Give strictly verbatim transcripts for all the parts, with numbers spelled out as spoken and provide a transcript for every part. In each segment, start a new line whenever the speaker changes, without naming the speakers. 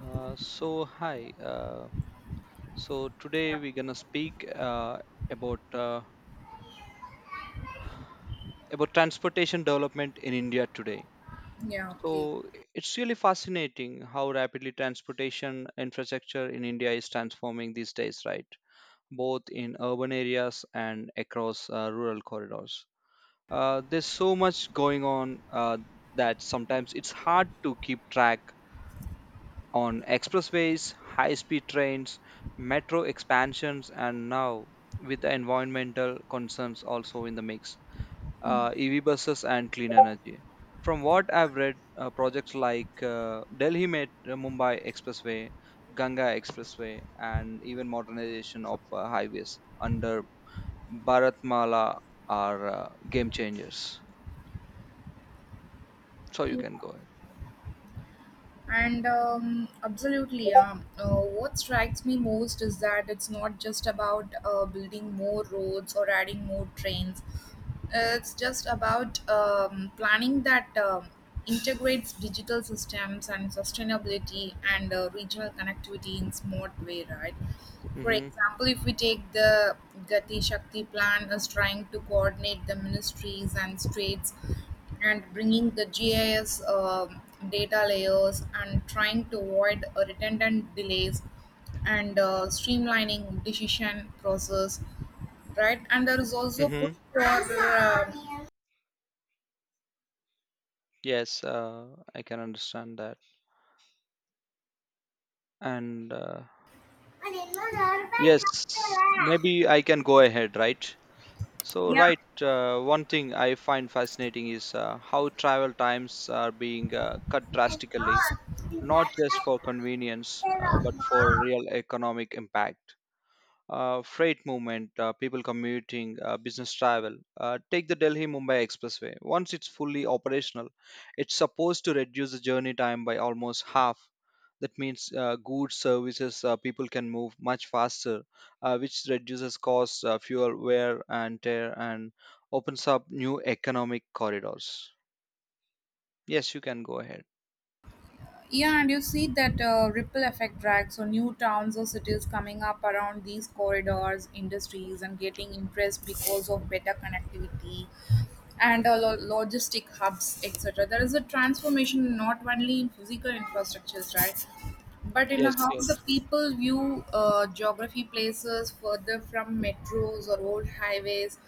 Uh, so hi. Uh, so today we're gonna speak uh, about uh, about transportation development in India today.
Yeah, okay.
So it's really fascinating how rapidly transportation infrastructure in India is transforming these days, right? Both in urban areas and across uh, rural corridors. Uh, there's so much going on uh, that sometimes it's hard to keep track on expressways, high speed trains, metro expansions, and now with the environmental concerns also in the mix, uh, E V buses, and clean energy. From what I've read, uh, projects like uh, Delhi Met- uh, Mumbai Expressway, Ganga Expressway, and even modernization of uh, highways under Bharatmala are uh, game changers. So you
Yeah.
can go ahead.
And um, absolutely, yeah. Uh, what strikes me most is that it's not just about uh, building more roads or adding more trains. Uh, It's just about um, planning that um integrates digital systems and sustainability and uh, regional connectivity in smart way, right? For
Mm-hmm.
example, if we take the Gati Shakti plan as trying to coordinate the ministries and states and bringing the G I S um data layers and trying to avoid uh, redundant delays and uh, streamlining decision process, right? And there is also push
Mm-hmm.
for uh,
Yes, uh, I can understand that. And uh, yes, maybe I can go ahead, right? So,
yeah.
right, uh, one thing I find fascinating is uh, how travel times are being uh, cut drastically, not just for convenience, uh, but for real economic impact uh, freight movement, uh, people commuting, uh, business travel. Uh, take the Delhi Mumbai Expressway. Once it's fully operational, it's supposed to reduce the journey time by almost half. That means uh, goods, services, uh, people can move much faster, uh, which reduces costs, uh, fuel wear and tear, and opens up new economic corridors. Yes, you can go ahead.
Yeah, and you see that uh, ripple effect drag. So, new towns or cities coming up around these corridors, industries, and getting interest because of better connectivity and uh, lo- logistic hubs, et cetera. There is a transformation not only in physical infrastructures, right? But in
Yes,
how the
yes.
people view uh, geography places further from metros or old highways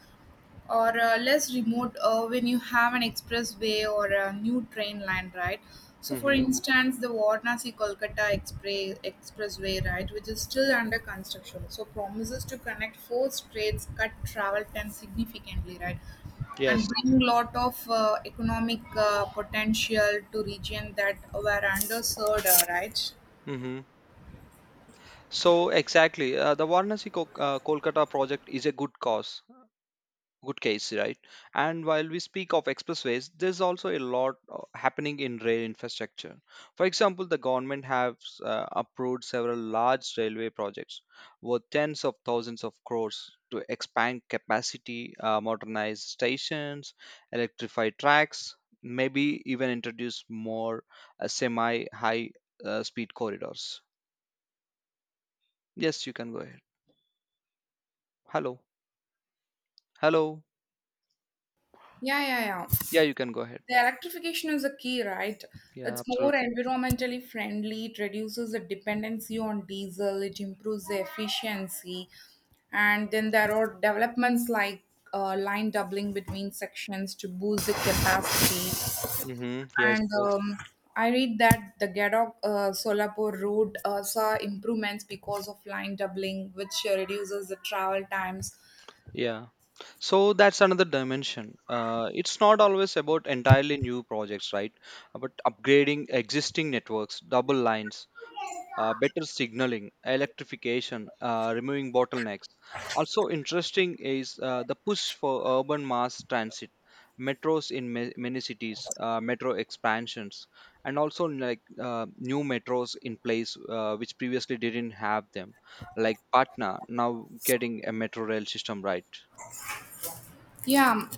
or uh, less remote uh, when you have an expressway or a new train line, right? So, for
Mm-hmm.
instance, the Varanasi Kolkata Expre- Expressway, right, which is still under construction, so promises to connect four states, cut travel time significantly, right, and
Yes.
bring lot of uh, economic uh, potential to region that were underserved, uh, right?
Mm-hmm. So exactly, uh, the Varanasi Kol- uh, Kolkata project is a good cause. Good case, right? And while we speak of expressways, there's also a lot uh, happening in rail infrastructure. For example, the government has uh, approved several large railway projects worth tens of thousands of crores to expand capacity, uh, modernize stations, electrify tracks, maybe even introduce more uh, semi high uh, speed corridors. Yes, you can go ahead. Hello? Hello?
Yeah, yeah, yeah.
Yeah, you can go ahead.
The electrification is a key, right?
Yeah,
It's more
absolutely.
environmentally friendly, it reduces the dependency on diesel, it improves the efficiency. And then there are developments like uh, line doubling between sections to boost the capacity.
Mm-hmm. Yes,
And
yes,
um, I read that the Gadok uh, Solapur road uh, saw improvements because of line doubling, which reduces the travel times.
yeah. So that's another dimension. Uh, it's not always about entirely new projects, right? Uh, But upgrading existing networks, double lines, uh, better signaling, electrification, uh, removing bottlenecks. Also, interesting is uh, the push for urban mass transit, metros in ma- many cities, uh, metro expansions, and also like uh, new metros in place uh, which previously didn't have them, like Patna now getting a metro rail system, right?
Yeah,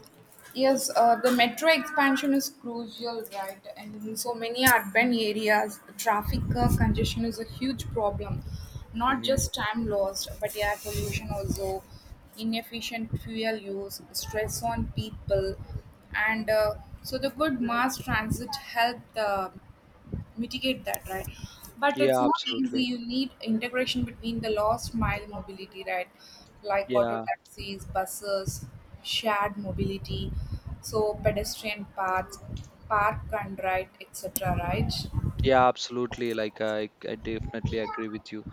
yes, uh, the metro expansion is crucial, right? And in so many urban areas, traffic uh, congestion is a huge problem. Not just time lost, but air pollution also, inefficient fuel use, stress on people, and uh, so the good mass transit helped. Uh, mitigate that, right? But it's
Yeah,
not easy.
absolutely.
You need integration between the last mile mobility, right? Like auto
Yeah,
taxis, buses, shared mobility, so pedestrian paths, park and ride, et cetera. Right?
yeah, absolutely. Like uh, I, I definitely agree with you.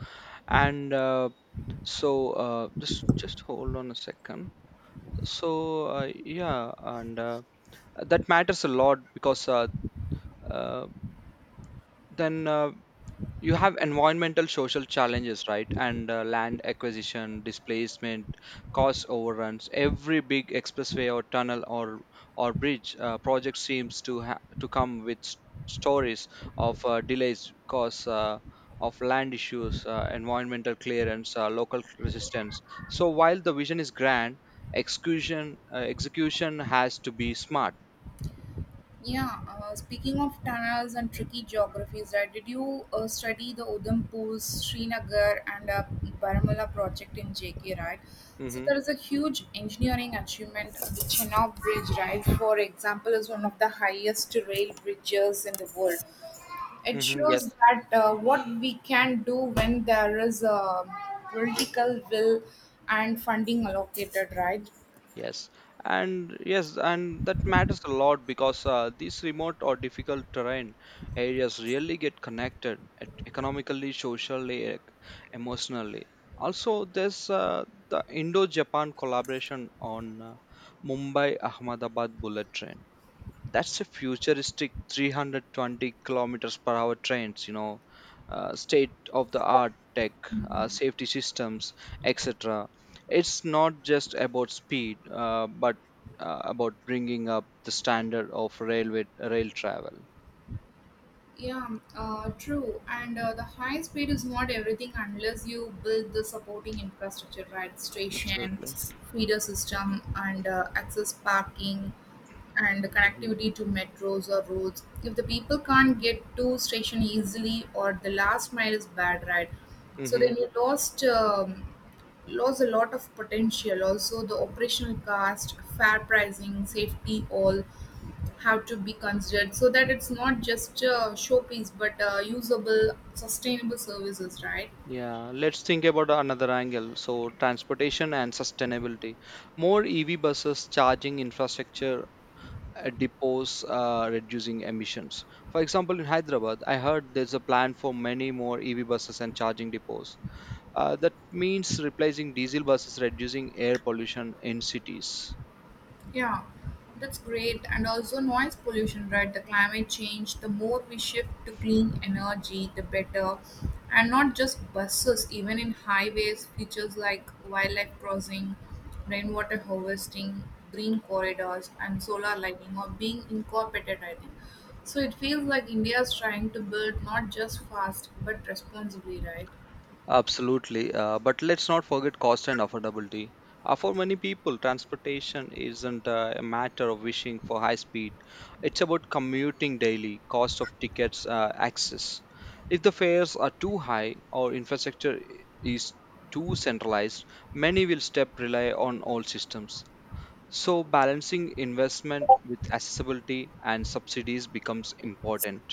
And uh, so, uh, just just hold on a second. So, uh, yeah, and uh, that matters a lot because uh, uh, then uh, you have environmental social challenges, right? And uh, land acquisition, displacement, cost overruns. Every big expressway or tunnel or or bridge uh, project seems to ha- to come with s- stories of uh, delays cause uh, of land issues, uh, environmental clearance, uh, local resistance. So while the vision is grand, execution uh, execution has to be smart.
Yeah, uh, speaking of tunnels and tricky geographies, right? Did you uh, study the Udhampur, Srinagar, and uh, Baramulla project in J K, right? So
Mm-hmm.
there is a huge engineering achievement. The Chenab Bridge, right? For example, is one of the highest rail bridges in the world. It
Mm-hmm. Yes.
shows that uh, what we can do when there is a political will and funding allocated, right?
Yes, and yes, and that matters a lot because uh, these remote or difficult terrain areas really get connected at economically, socially, e- emotionally. Also, there's uh, the Indo-Japan collaboration on uh, Mumbai-Ahmedabad bullet train. That's a futuristic three hundred twenty kilometers per hour trains, you know, uh, state of the art tech, uh, safety systems, et cetera. It's not just about speed, uh, but uh, about bringing up the standard of railway rail travel.
Yeah, um, uh, true. And uh, the high speed is not everything unless you build the supporting infrastructure, right? Station,
Absolutely.
feeder system, and uh, access parking, and the
Hmm.
connectivity to metros or roads. If the people can't get to station easily, or the last mile is bad, right? So
Hmm.
then you lost um, lost a lot of potential. Also, the operational cost, fair pricing, safety, all have to be considered so that it's not just a showpiece but uh, usable sustainable services, right?
Yeah, let's think about another angle. So, transportation and sustainability. More E V buses, charging infrastructure, uh, depots, uh, reducing emissions. For example, in Hyderabad, I heard there's a plan for many more E V buses and charging depots. Uh, that means replacing diesel buses, reducing air pollution in cities.
Yeah, that's great. And also noise pollution, right? The climate change, the more we shift to clean energy, the better. And not just buses, even in highways, features like wildlife crossing, rainwater harvesting, green corridors, and solar lighting are being incorporated, I think. So it feels like India is trying to build not just fast but responsibly, right?
Absolutely. Uh, but let's not forget cost and affordability. Uh, for many people, transportation isn't uh, a matter of wishing for high speed. It's about commuting daily, cost of tickets, uh, access. If the fares are too high or infrastructure i- is too centralized, many will step rely on old systems. So balancing investment with accessibility and subsidies becomes important.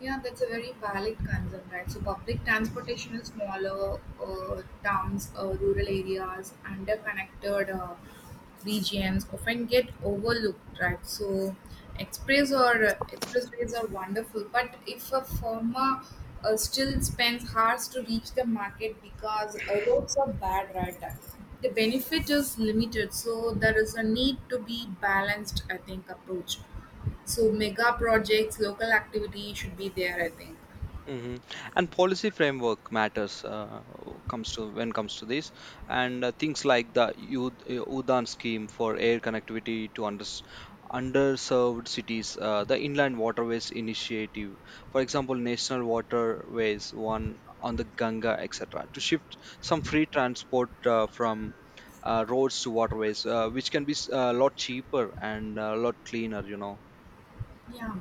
Yeah, that's a very valid concern, right? So public transportation in smaller uh, towns, uh, rural areas, underconnected uh, regions often get overlooked, right? So express or uh, expressways are wonderful, but if a farmer uh, still spends hours to reach the market because uh, roads are bad, right? The benefit is limited, so there is a need to be balanced, I think, approach. So mega projects, local activity should be there, I think.
Hmm. And policy framework matters uh, comes to when comes to this, and uh, things like the U- uh, UDAN scheme for air connectivity to unders underserved cities, uh, the Inland Waterways Initiative, for example, National Waterways One on the Ganga, et cetera, to shift some free transport uh, from uh, roads to waterways, uh, which can be a lot cheaper and a lot cleaner, you know.
Yeah.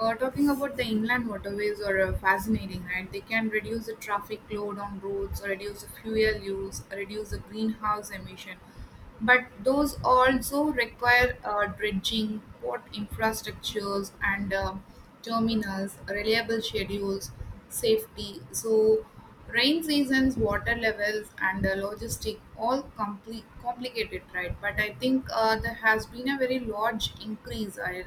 Uh, talking about the inland waterways are uh, fascinating, right? They can reduce the traffic load on roads, reduce the fuel use, reduce the greenhouse emission. But those also require uh, dredging, port infrastructures, and uh, terminals, reliable schedules, safety. So rain seasons, water levels, and the logistic all compli complicated, right? But I think uh, there has been a very large increase. I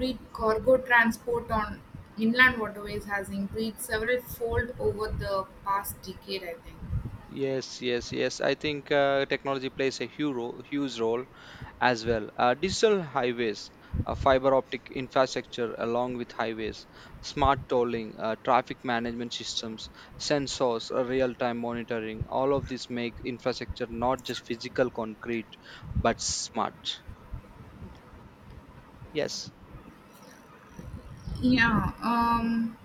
read cargo transport on inland waterways has increased several fold over the past decade. I think.
Yes, yes, yes. I think uh, technology plays a huge role, huge role as well. Uh, digital highways, uh, fiber optic infrastructure along with highways, smart tolling, uh, traffic management systems, sensors, uh, real-time monitoring. All of this make infrastructure not just physical concrete, but smart. Yes,
Yeah. Um.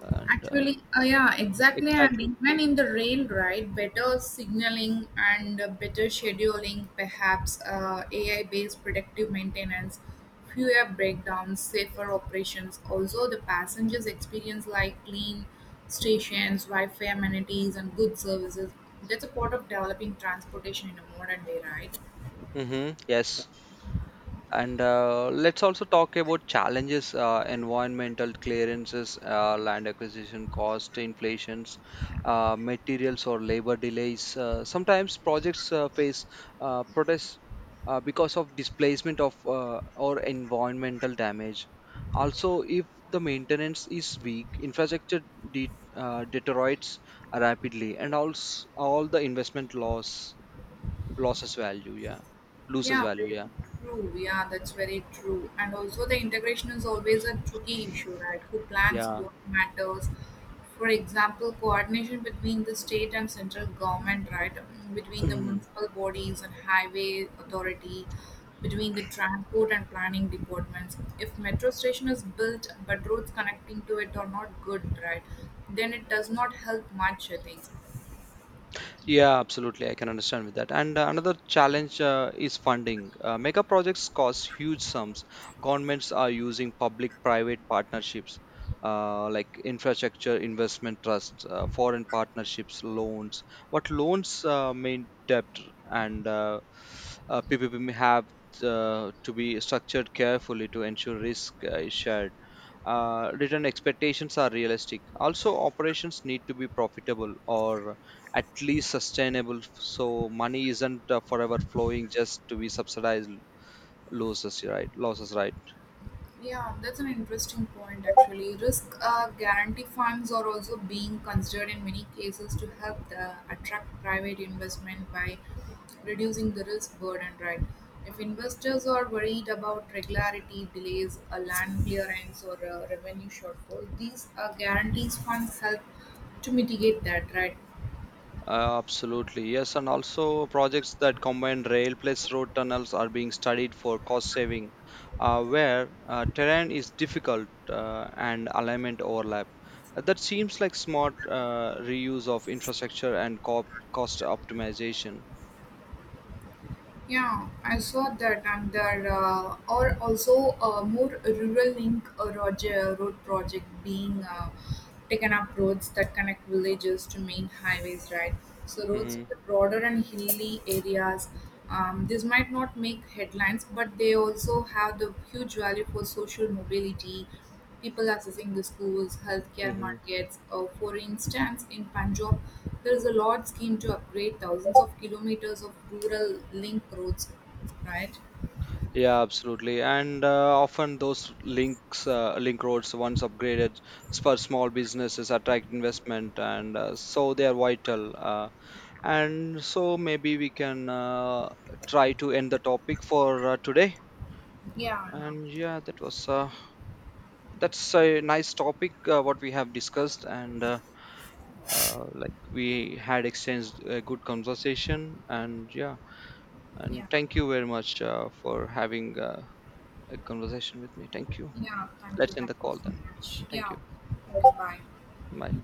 and uh,
Actually, uh, yeah, exactly. And
exactly.
even in the rail ride, better signaling and uh, better scheduling, perhaps uh, A I based predictive maintenance, fewer breakdowns, safer operations. Also, the passengers experience like clean stations, Wi Fi amenities, and good services. That's a part of developing transportation in a modern way, right?
Mm-hmm. Yes. And uh, let's also talk about challenges, uh, environmental clearances, uh, land acquisition cost, inflations, uh, materials or labor delays. Uh, sometimes projects uh, face uh, protests uh, because of displacement of uh, or environmental damage. Also, if the maintenance is weak, infrastructure de- uh, deteriorates rapidly, and also all the investment loss loses value. Yeah, loses
Yeah,
value.
very
Yeah,
true. Yeah, that's very true. And also, the integration is always a tricky issue, right? Who plans
yeah.
what matters? For example, coordination between the state and central government, right? Mm, Between the
Mm.
municipal bodies and highway authority, between the transport and planning departments. If metro station is built but roads connecting to it are not good, right? Then it does not help much, I think.
Yeah, absolutely. I can understand with that. And uh, another challenge uh, is funding. Uh, mega projects cost huge sums. Governments are using public-private partnerships, uh, like infrastructure investment trusts, uh, foreign partnerships, loans. What loans uh, mean debt and uh, uh, P P P may have uh, to be structured carefully to ensure risk uh, is shared, uh, return expectations are realistic. Also, operations need to be profitable or at least sustainable so money isn't uh, forever flowing just to be subsidized losses, right? Losses, right?
Yeah, that's an interesting point actually. Risk uh, guarantee funds are also being considered in many cases to help the, attract private investment by reducing the risk burden, right? If investors are worried about regularity, delays, a land clearance, or a revenue shortfall, these uh, guarantees funds help to mitigate that, right?
Uh, absolutely, yes. And also projects that combine rail plus road tunnels are being studied for cost saving uh, where uh, terrain is difficult uh, and alignment overlap. Uh, that seems like smart uh, reuse of infrastructure and co- cost optimization.
Yeah, I saw that, and there uh, are also uh, more rural link uh, roger, road project being uh, taken up roads that connect villages to main highways, right? So roads in the broader and hilly areas. Um, this might not make headlines, but they also have the huge value for social mobility people accessing the schools, healthcare
Hmm.
markets. Uh, for instance, in Punjab, there is a large scheme to upgrade thousands of kilometers of rural link roads, right?
Yeah, absolutely. And uh, often those links, uh, link roads, once upgraded s- for small businesses, attract investment, and uh, so they are vital. Uh, and so maybe we can uh, try to end the topic for uh, today.
Yeah, yeah.
And yeah, that was uh, that's a nice topic uh, what we have discussed, and uh, uh, like we had exchanged a good conversation. And yeah, and
Yeah,
thank you very much uh, for having uh, a conversation with me. Thank you.
yeah. Thank you,
Let's end
thank
the
you
call
so
then.
much.
Thank
Yeah.
you.
Okay, bye.
Bye.